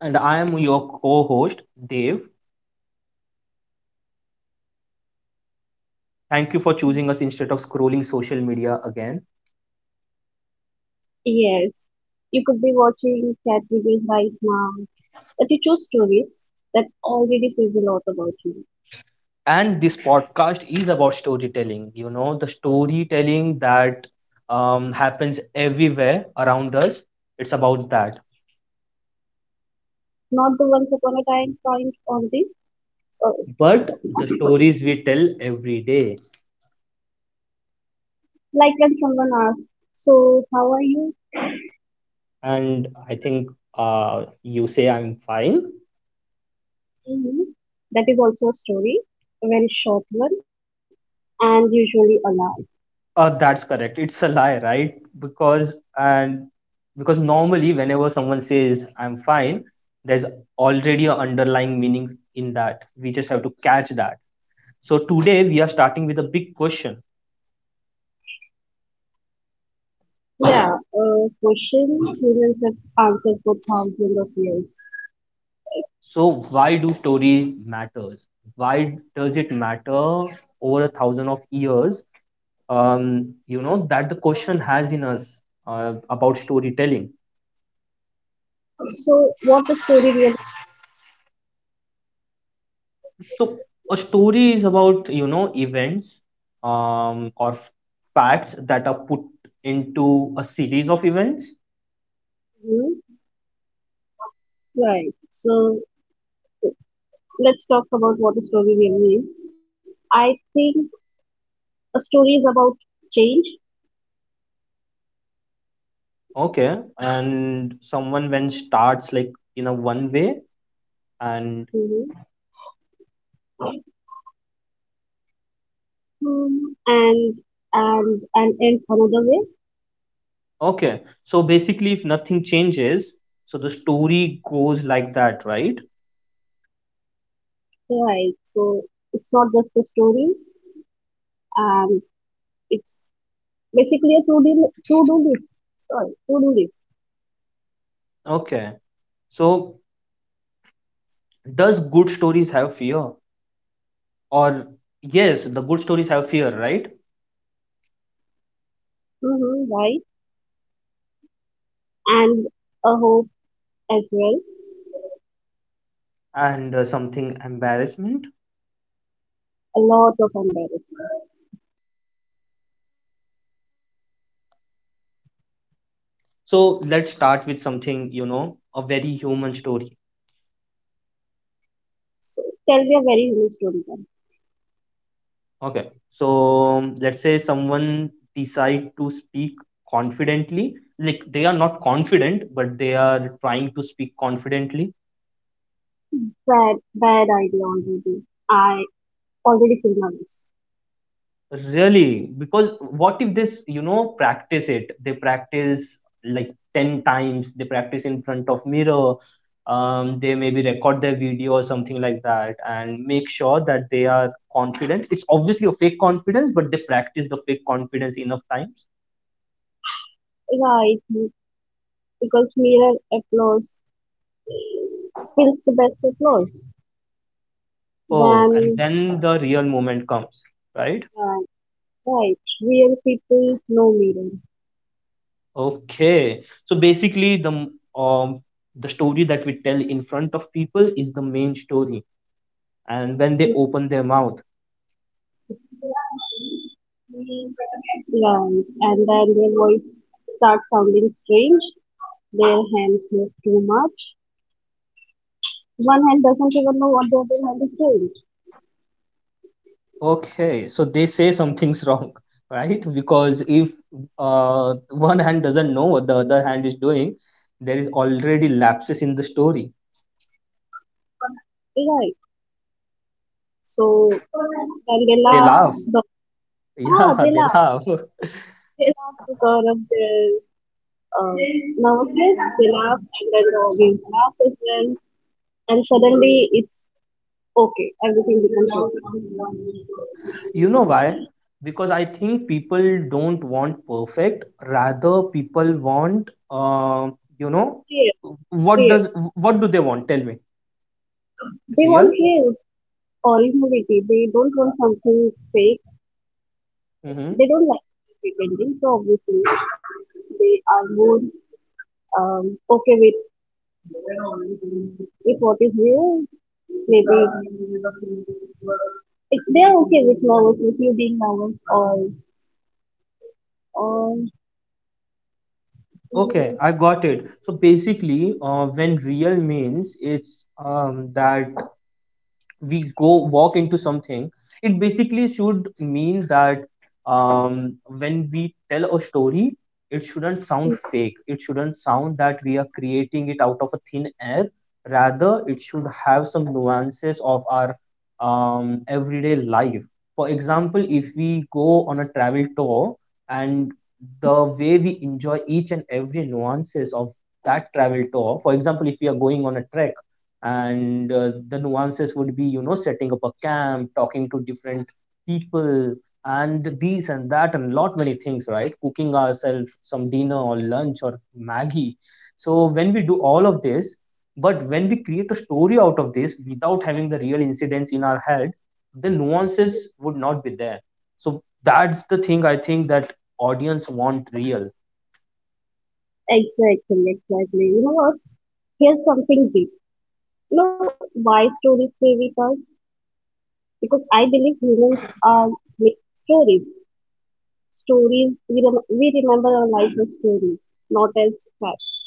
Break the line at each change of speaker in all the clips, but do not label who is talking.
And I am your co host, Dave. Thank you for choosing us instead of scrolling social media again.
Yes, you can look at reviews right now, but you choose stories that already,
And this podcast is about storytelling, the storytelling that happens everywhere around us. It's about that.
not the once upon a time kind or the uh,
But the stories we tell every day.
like when someone asks, "So how are you?"
And I think you say I'm fine.
Mhm. That is also a story, a very short one, and usually alive.
That's correct. It's a lie, right? Because and because normally whenever someone says I'm fine, there's already an underlying meaning in that. We just have to catch that. So today we are starting with a big question.
Yeah, a question humans have answered for thousands of years.
So why do Tory matters? Why does it matter over a thousand of years? You know that the question has in us about storytelling.
So what a story really
So a story is about, events or facts that are put into a series of events.
means? Right. So let's talk about what a story really is. I think stories about change.
Okay. And someone when starts like in a one way and
Mm-hmm. And and ends another way.
okay. So basically if nothing changes, so the story goes like that, right?
Right, so it's not just a story, and it's basically a to do list, sorry, to do list.
Okay. So does good stories have fear? Or yes, the good stories have fear, right?
Mm-hmm. Right. And a hope as well.
And something embarrassment.
A lot of embarrassment.
So let's start with something, a very human story.
So tell me a very human story then.
Okay. So let's say someone decide to speak confidently. Like they are not confident, but they are trying to speak confidently.
Bad bad idea already, I already feel nervous.
Really, because what if this, practice it? They practice like 10 times, they practice in front of mirror, they maybe record their video or something like that and make sure that they are confident. It's obviously a fake confidence, but they practice the fake confidence enough times.
Right, because mirror applause feels the best applause.
Oh, and
Then,
then the real moment comes, right?
uh, right, real people, no mirror.
Okay. So basically the story that we tell in front of people is the main story. And when they open their mouth.
Right, and then their voice starts sounding strange. Their hands move too much. One hand doesn't even know what the other hand is doing.
Okay, so they say something's wrong, right? Because if one hand doesn't know what the other hand is doing, there is already lapses in the story.
Right. So, and they
They
laugh.
laugh.
The, ah,
Yeah,
they
they
laugh.
laugh.
They laugh to cover up their uh, nervousness. They laugh, and then the audience laughs as well. And suddenly, it's okay, everything becomes okay.
You know why? Because I think people don't want perfect. Rather, people want, you know,
Rare,
what
rare.
does what do they want? Tell me.
They want
Real?
real originality. They don't want something fake.
Mm-hmm.
They don't like pretending. So obviously, they are more okay with what is real. Maybe it's they are okay with novels, you being novels or
Okay, I got it. So basically, when real means it's that we go walk into something it basically should mean that when we tell a story it shouldn't sound fake it shouldn't sound that we are creating it out of a thin air rather it should have some nuances of our everyday life for example if we go on a travel tour and the way we enjoy each and every nuances of that travel tour for example if we are going on a trek and the nuances would be setting up a camp talking to different people and these and that and lot many things right cooking ourselves some dinner or lunch or maggie so when we do all of this but when we create a story out of this without having the real incidents in our head the nuances would not be there so that's the thing I think that audience want real.
exactly, exactly. You know what? Here's something deep. You know why stories stay with us? Because I believe humans are made stories. Stories we we remember our lives as stories, not as facts.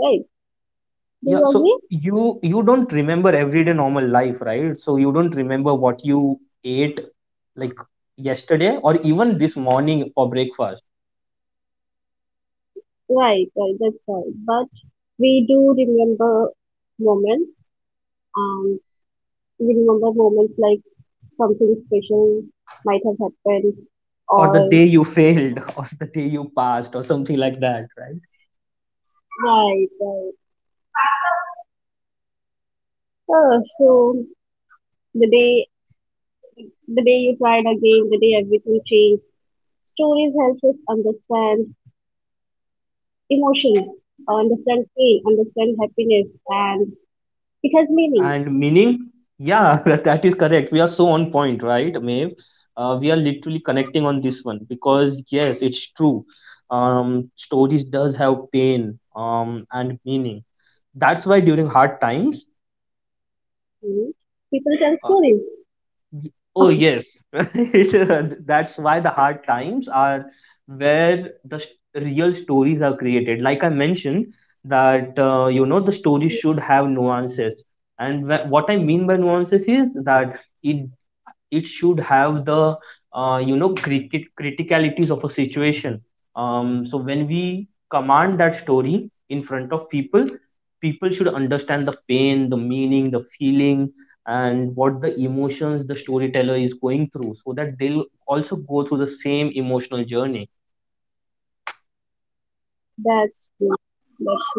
Right? Do
Yeah,
you
so
agree?
you don't remember everyday normal life, right? So you don't remember what you ate like yesterday or even this morning for breakfast
Right, right. That's right. But we do remember moments, and we remember moments like something special might have happened,
or the
or
day you failed or the day you passed or something like that, right?
right, right. So the day the day you tried again, the day everything changed. Stories help us understand emotions, understand pain, understand happiness, and it has meaning.
And meaning, yeah, that is correct. We are so on point, right, Maeve? We are literally connecting on this one because yes, it's true. Stories does have pain, and meaning. That's why during hard times
You know? People tell
uh,
stories.
Oh yes, that's why the hard times are where the s real stories are created. Like I mentioned, that you know the story should have nuances, and what I mean by nuances is that it it should have the cricket criticalities of a situation so when we command that story in front of people people should understand the pain the meaning the feeling and what the emotions the storyteller is going through so that they'll also go through the same emotional journey.
That's true. That's so true.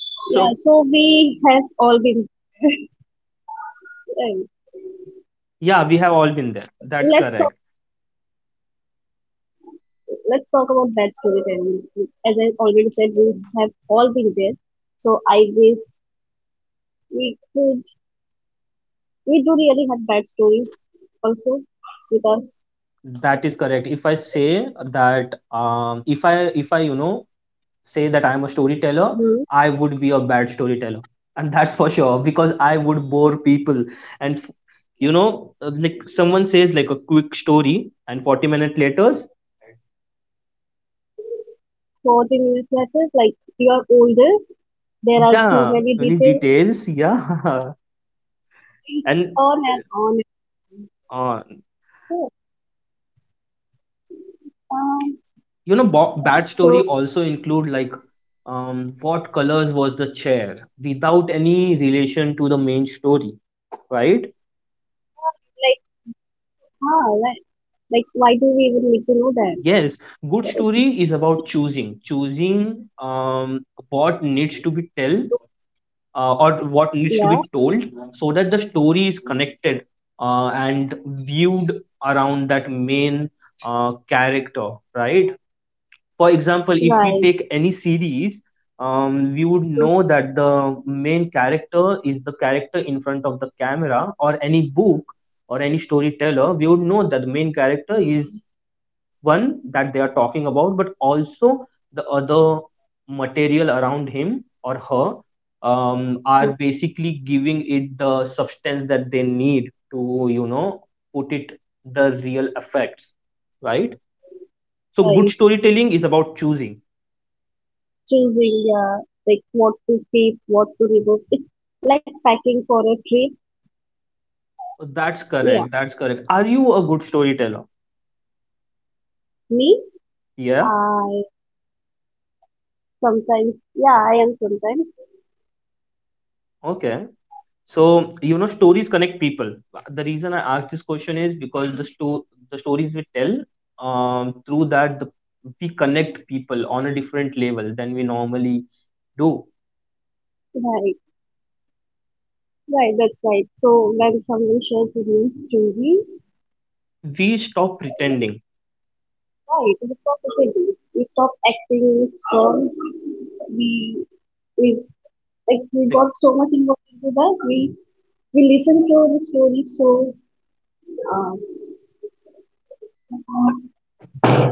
Yeah. So
So
we have all been. Uh,
yeah we have all been there, that's
let's talk.
correct.
Let's talk about bad storytelling. As I already said, we have all been there. So I guess we could. We do really have bad stories also with us.
That is correct if I say that um, if i if i say that I'm a storyteller,
Hmm.
I would be a bad storyteller. And that's for sure because I would bore people. And like someone says like a quick story, and 40 minutes later,
So what do you mean by that? Like you are older, there are too
yeah,
many
any
details,
details, yeah.
think
And
on and on and on.
uh,
So, um,
bad story
so
also include like what colors was the chair without any relation to the main story, right?
like, huh, right, like, why do we even need to know that?
Yes,
Uh,
good story is about choosing what needs to be tell or what
Yeah,
needs to be told, so that the story is connected and viewed around that main character, right? For example, if
right.
we take any series, we would
So,
know that the main character is the character in front of the camera, or any book or any storyteller, we would know that the main character is one that they are talking about but also the other material around him or her
so,
are basically giving it the substance that they need to put it the real effects, right? So good
right.
storytelling is about choosing.
Choosing, uh, like, what to keep, what to remove. It's like packing for a trip.
That's
Yeah,
correct, that's correct. Are you a good storyteller?
me,
Yeah.
I sometimes, yeah, I am sometimes,
Okay. So, stories connect people. The reason I asked this question is because the stories we tell, through that the, we connect people on a different level than we normally do.
right. Right, that's right. So when someone shares a real story,
We stop pretending.
right, we stop the we stop acting strong. We we like we
Like,
got so much involved into that we listened to the story so um,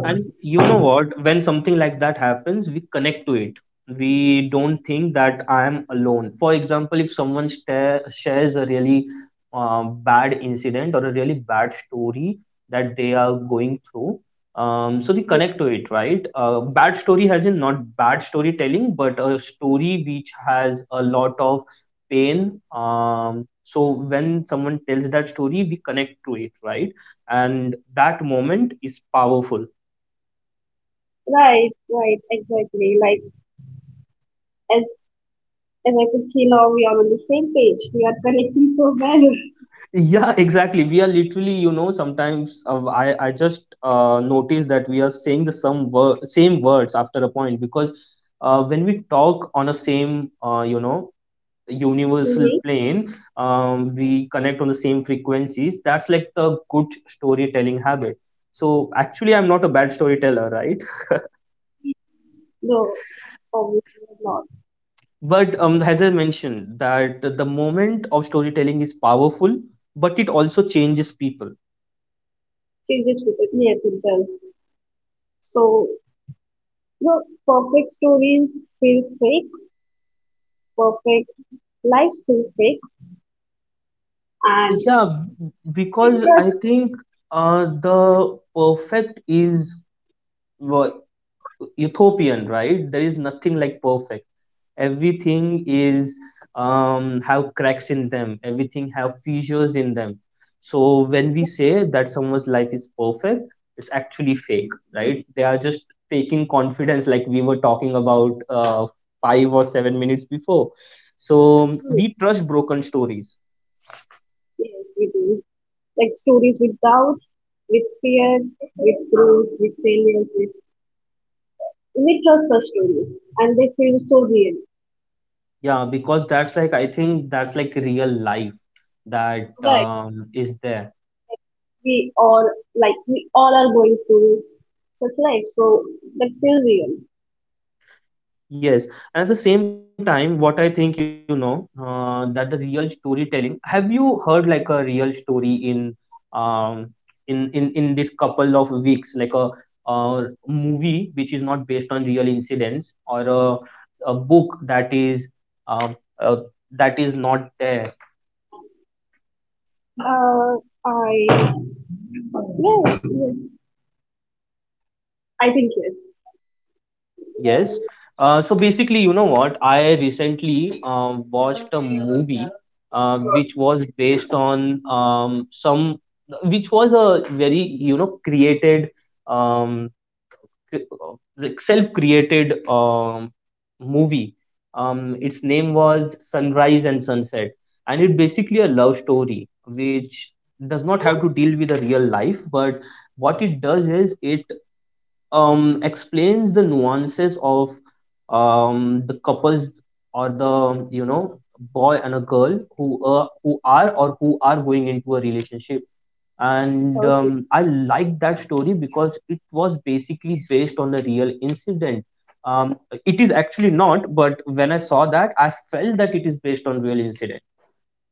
And you know what? When something like that happens, we connect to it. We don't think that I am alone. For example, if someone shares a really bad incident or a really bad story that they are going through, so we connect to it, right? Bad story has in not bad storytelling, but a story which has a lot of pain. So when someone tells that story, we connect to it, right? And that moment is powerful.
right, right, exactly, like as as I could see now we are on the same page, we are connecting so well.
Yeah, exactly, we are literally sometimes i just notice that we are saying the some same words after a point because when we talk on a same universal
Really?
plane we connect on the same frequencies, that's like the good storytelling habit. So actually I'm not a bad storyteller, right?
No, obviously not.
But as I mentioned, that the moment of storytelling is powerful but it also changes people.
Changes people, yes it does. So no, perfect stories feel fake, perfect lives feel fake, and
Yeah, because I
trust
think the perfect is wha- utopian, right? There is nothing like perfect. Everything is have cracks in them. Everything have fissures in them. So when we say that someone's life is perfect, it's actually fake, right? They are just faking confidence, like we were talking about 5 or 7 minutes before. So we trust broken stories.
yes we do, like stories with doubt, with fear, with growth, with failures, with we trust such stories and they feel so real.
Yeah, because that's like I think that's like real life that
Right.
is there.
We all like we all are going through such life, so that feel real.
Yes, and at the same time, what I think that the real storytelling. Have you heard like a real story in um in this couple of weeks, like a movie which is not based on real incidents or a book uh, uh, that is not there.
Uh I yes, yes. I think yes.
Yes. So basically, you know what? I recently watched a movie which was based on some, which was a very, created, um, like self-created movie. Its name was Sunrise and Sunset, and it basically a love story which does not have to deal with a real life, but what it does is it explains the nuances of the couples or the boy and a girl who are going into a relationship and
Okay.
I like that story because it was basically based on a real incident. Um, it is actually not, but when I saw that I felt that it is based on real incident.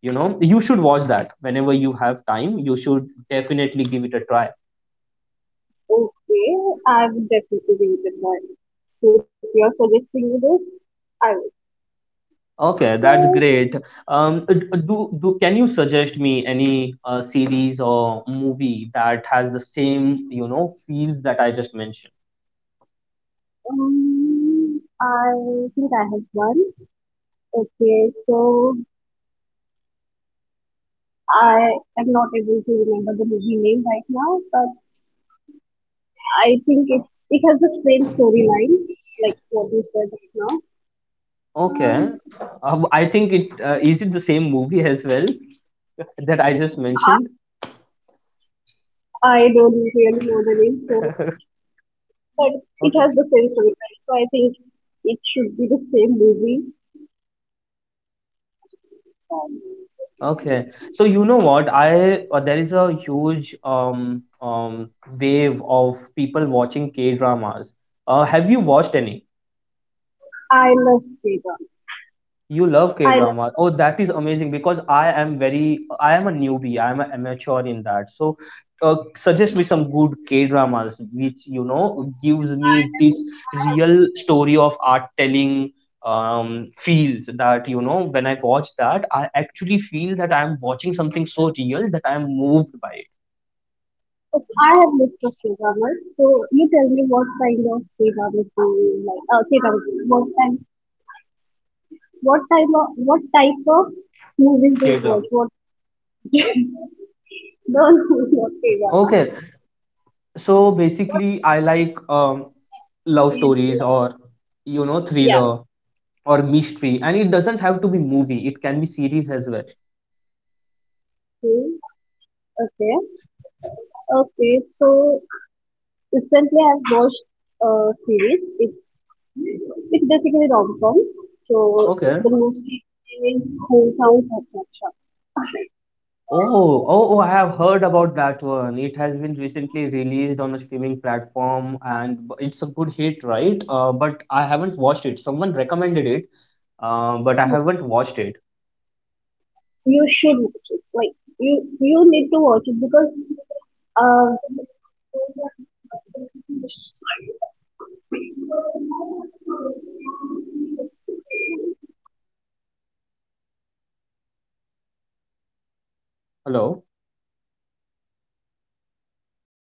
You should watch that whenever you have time, you should definitely give it a try.
Okay. I would definitely read it, but since you're suggesting me this, I will.
Okay,
So
that's great. D- do do can you suggest me any series or movie that has the same, feels that I just mentioned?
I think I have one. Okay, so I am not able to remember the movie name right now, but I think it's it has the same storyline like what you said right now.
Okay,
Um,
I think it is it the same movie as well that I just mentioned.
I don't really know the name, so but it
Okay,
has the same storyline, so I think it should be the same movie. Um,
okay. So you know what? I there is a huge wave of people watching K dramas. Have you watched any?
I love K-drama.
You love
I love.
K-drama. Oh, that is amazing because I am a newbie. I am an amateur in that. So, suggest me some good K-dramas which gives me this real story of art telling feels that when I watch that I actually feel that I am watching something so real that I am moved by it.
I have list of K-dramas, so you tell me what kind of K-dramas do you like? K-dramas. What kind? What type of? What type of movies do you watch?
K-drama.
What? Don't not K-drama.
Okay, so basically I like love
He's
stories
like
or
yeah.
thriller or mystery, and it doesn't have to be movie, it can be series as well.
He's- Okay. Okay. So recently I've watched a series. It's basically rom com. So
Okay.
the movie is Hometown Satisfaction.
Oh, oh, oh, I have heard about that one, it has been recently released on a streaming platform and it's a good hit, right? But I haven't watched it, someone recommended it, but I haven't watched it.
You should watch it. Like you need to watch it because uh
Hello. Hello.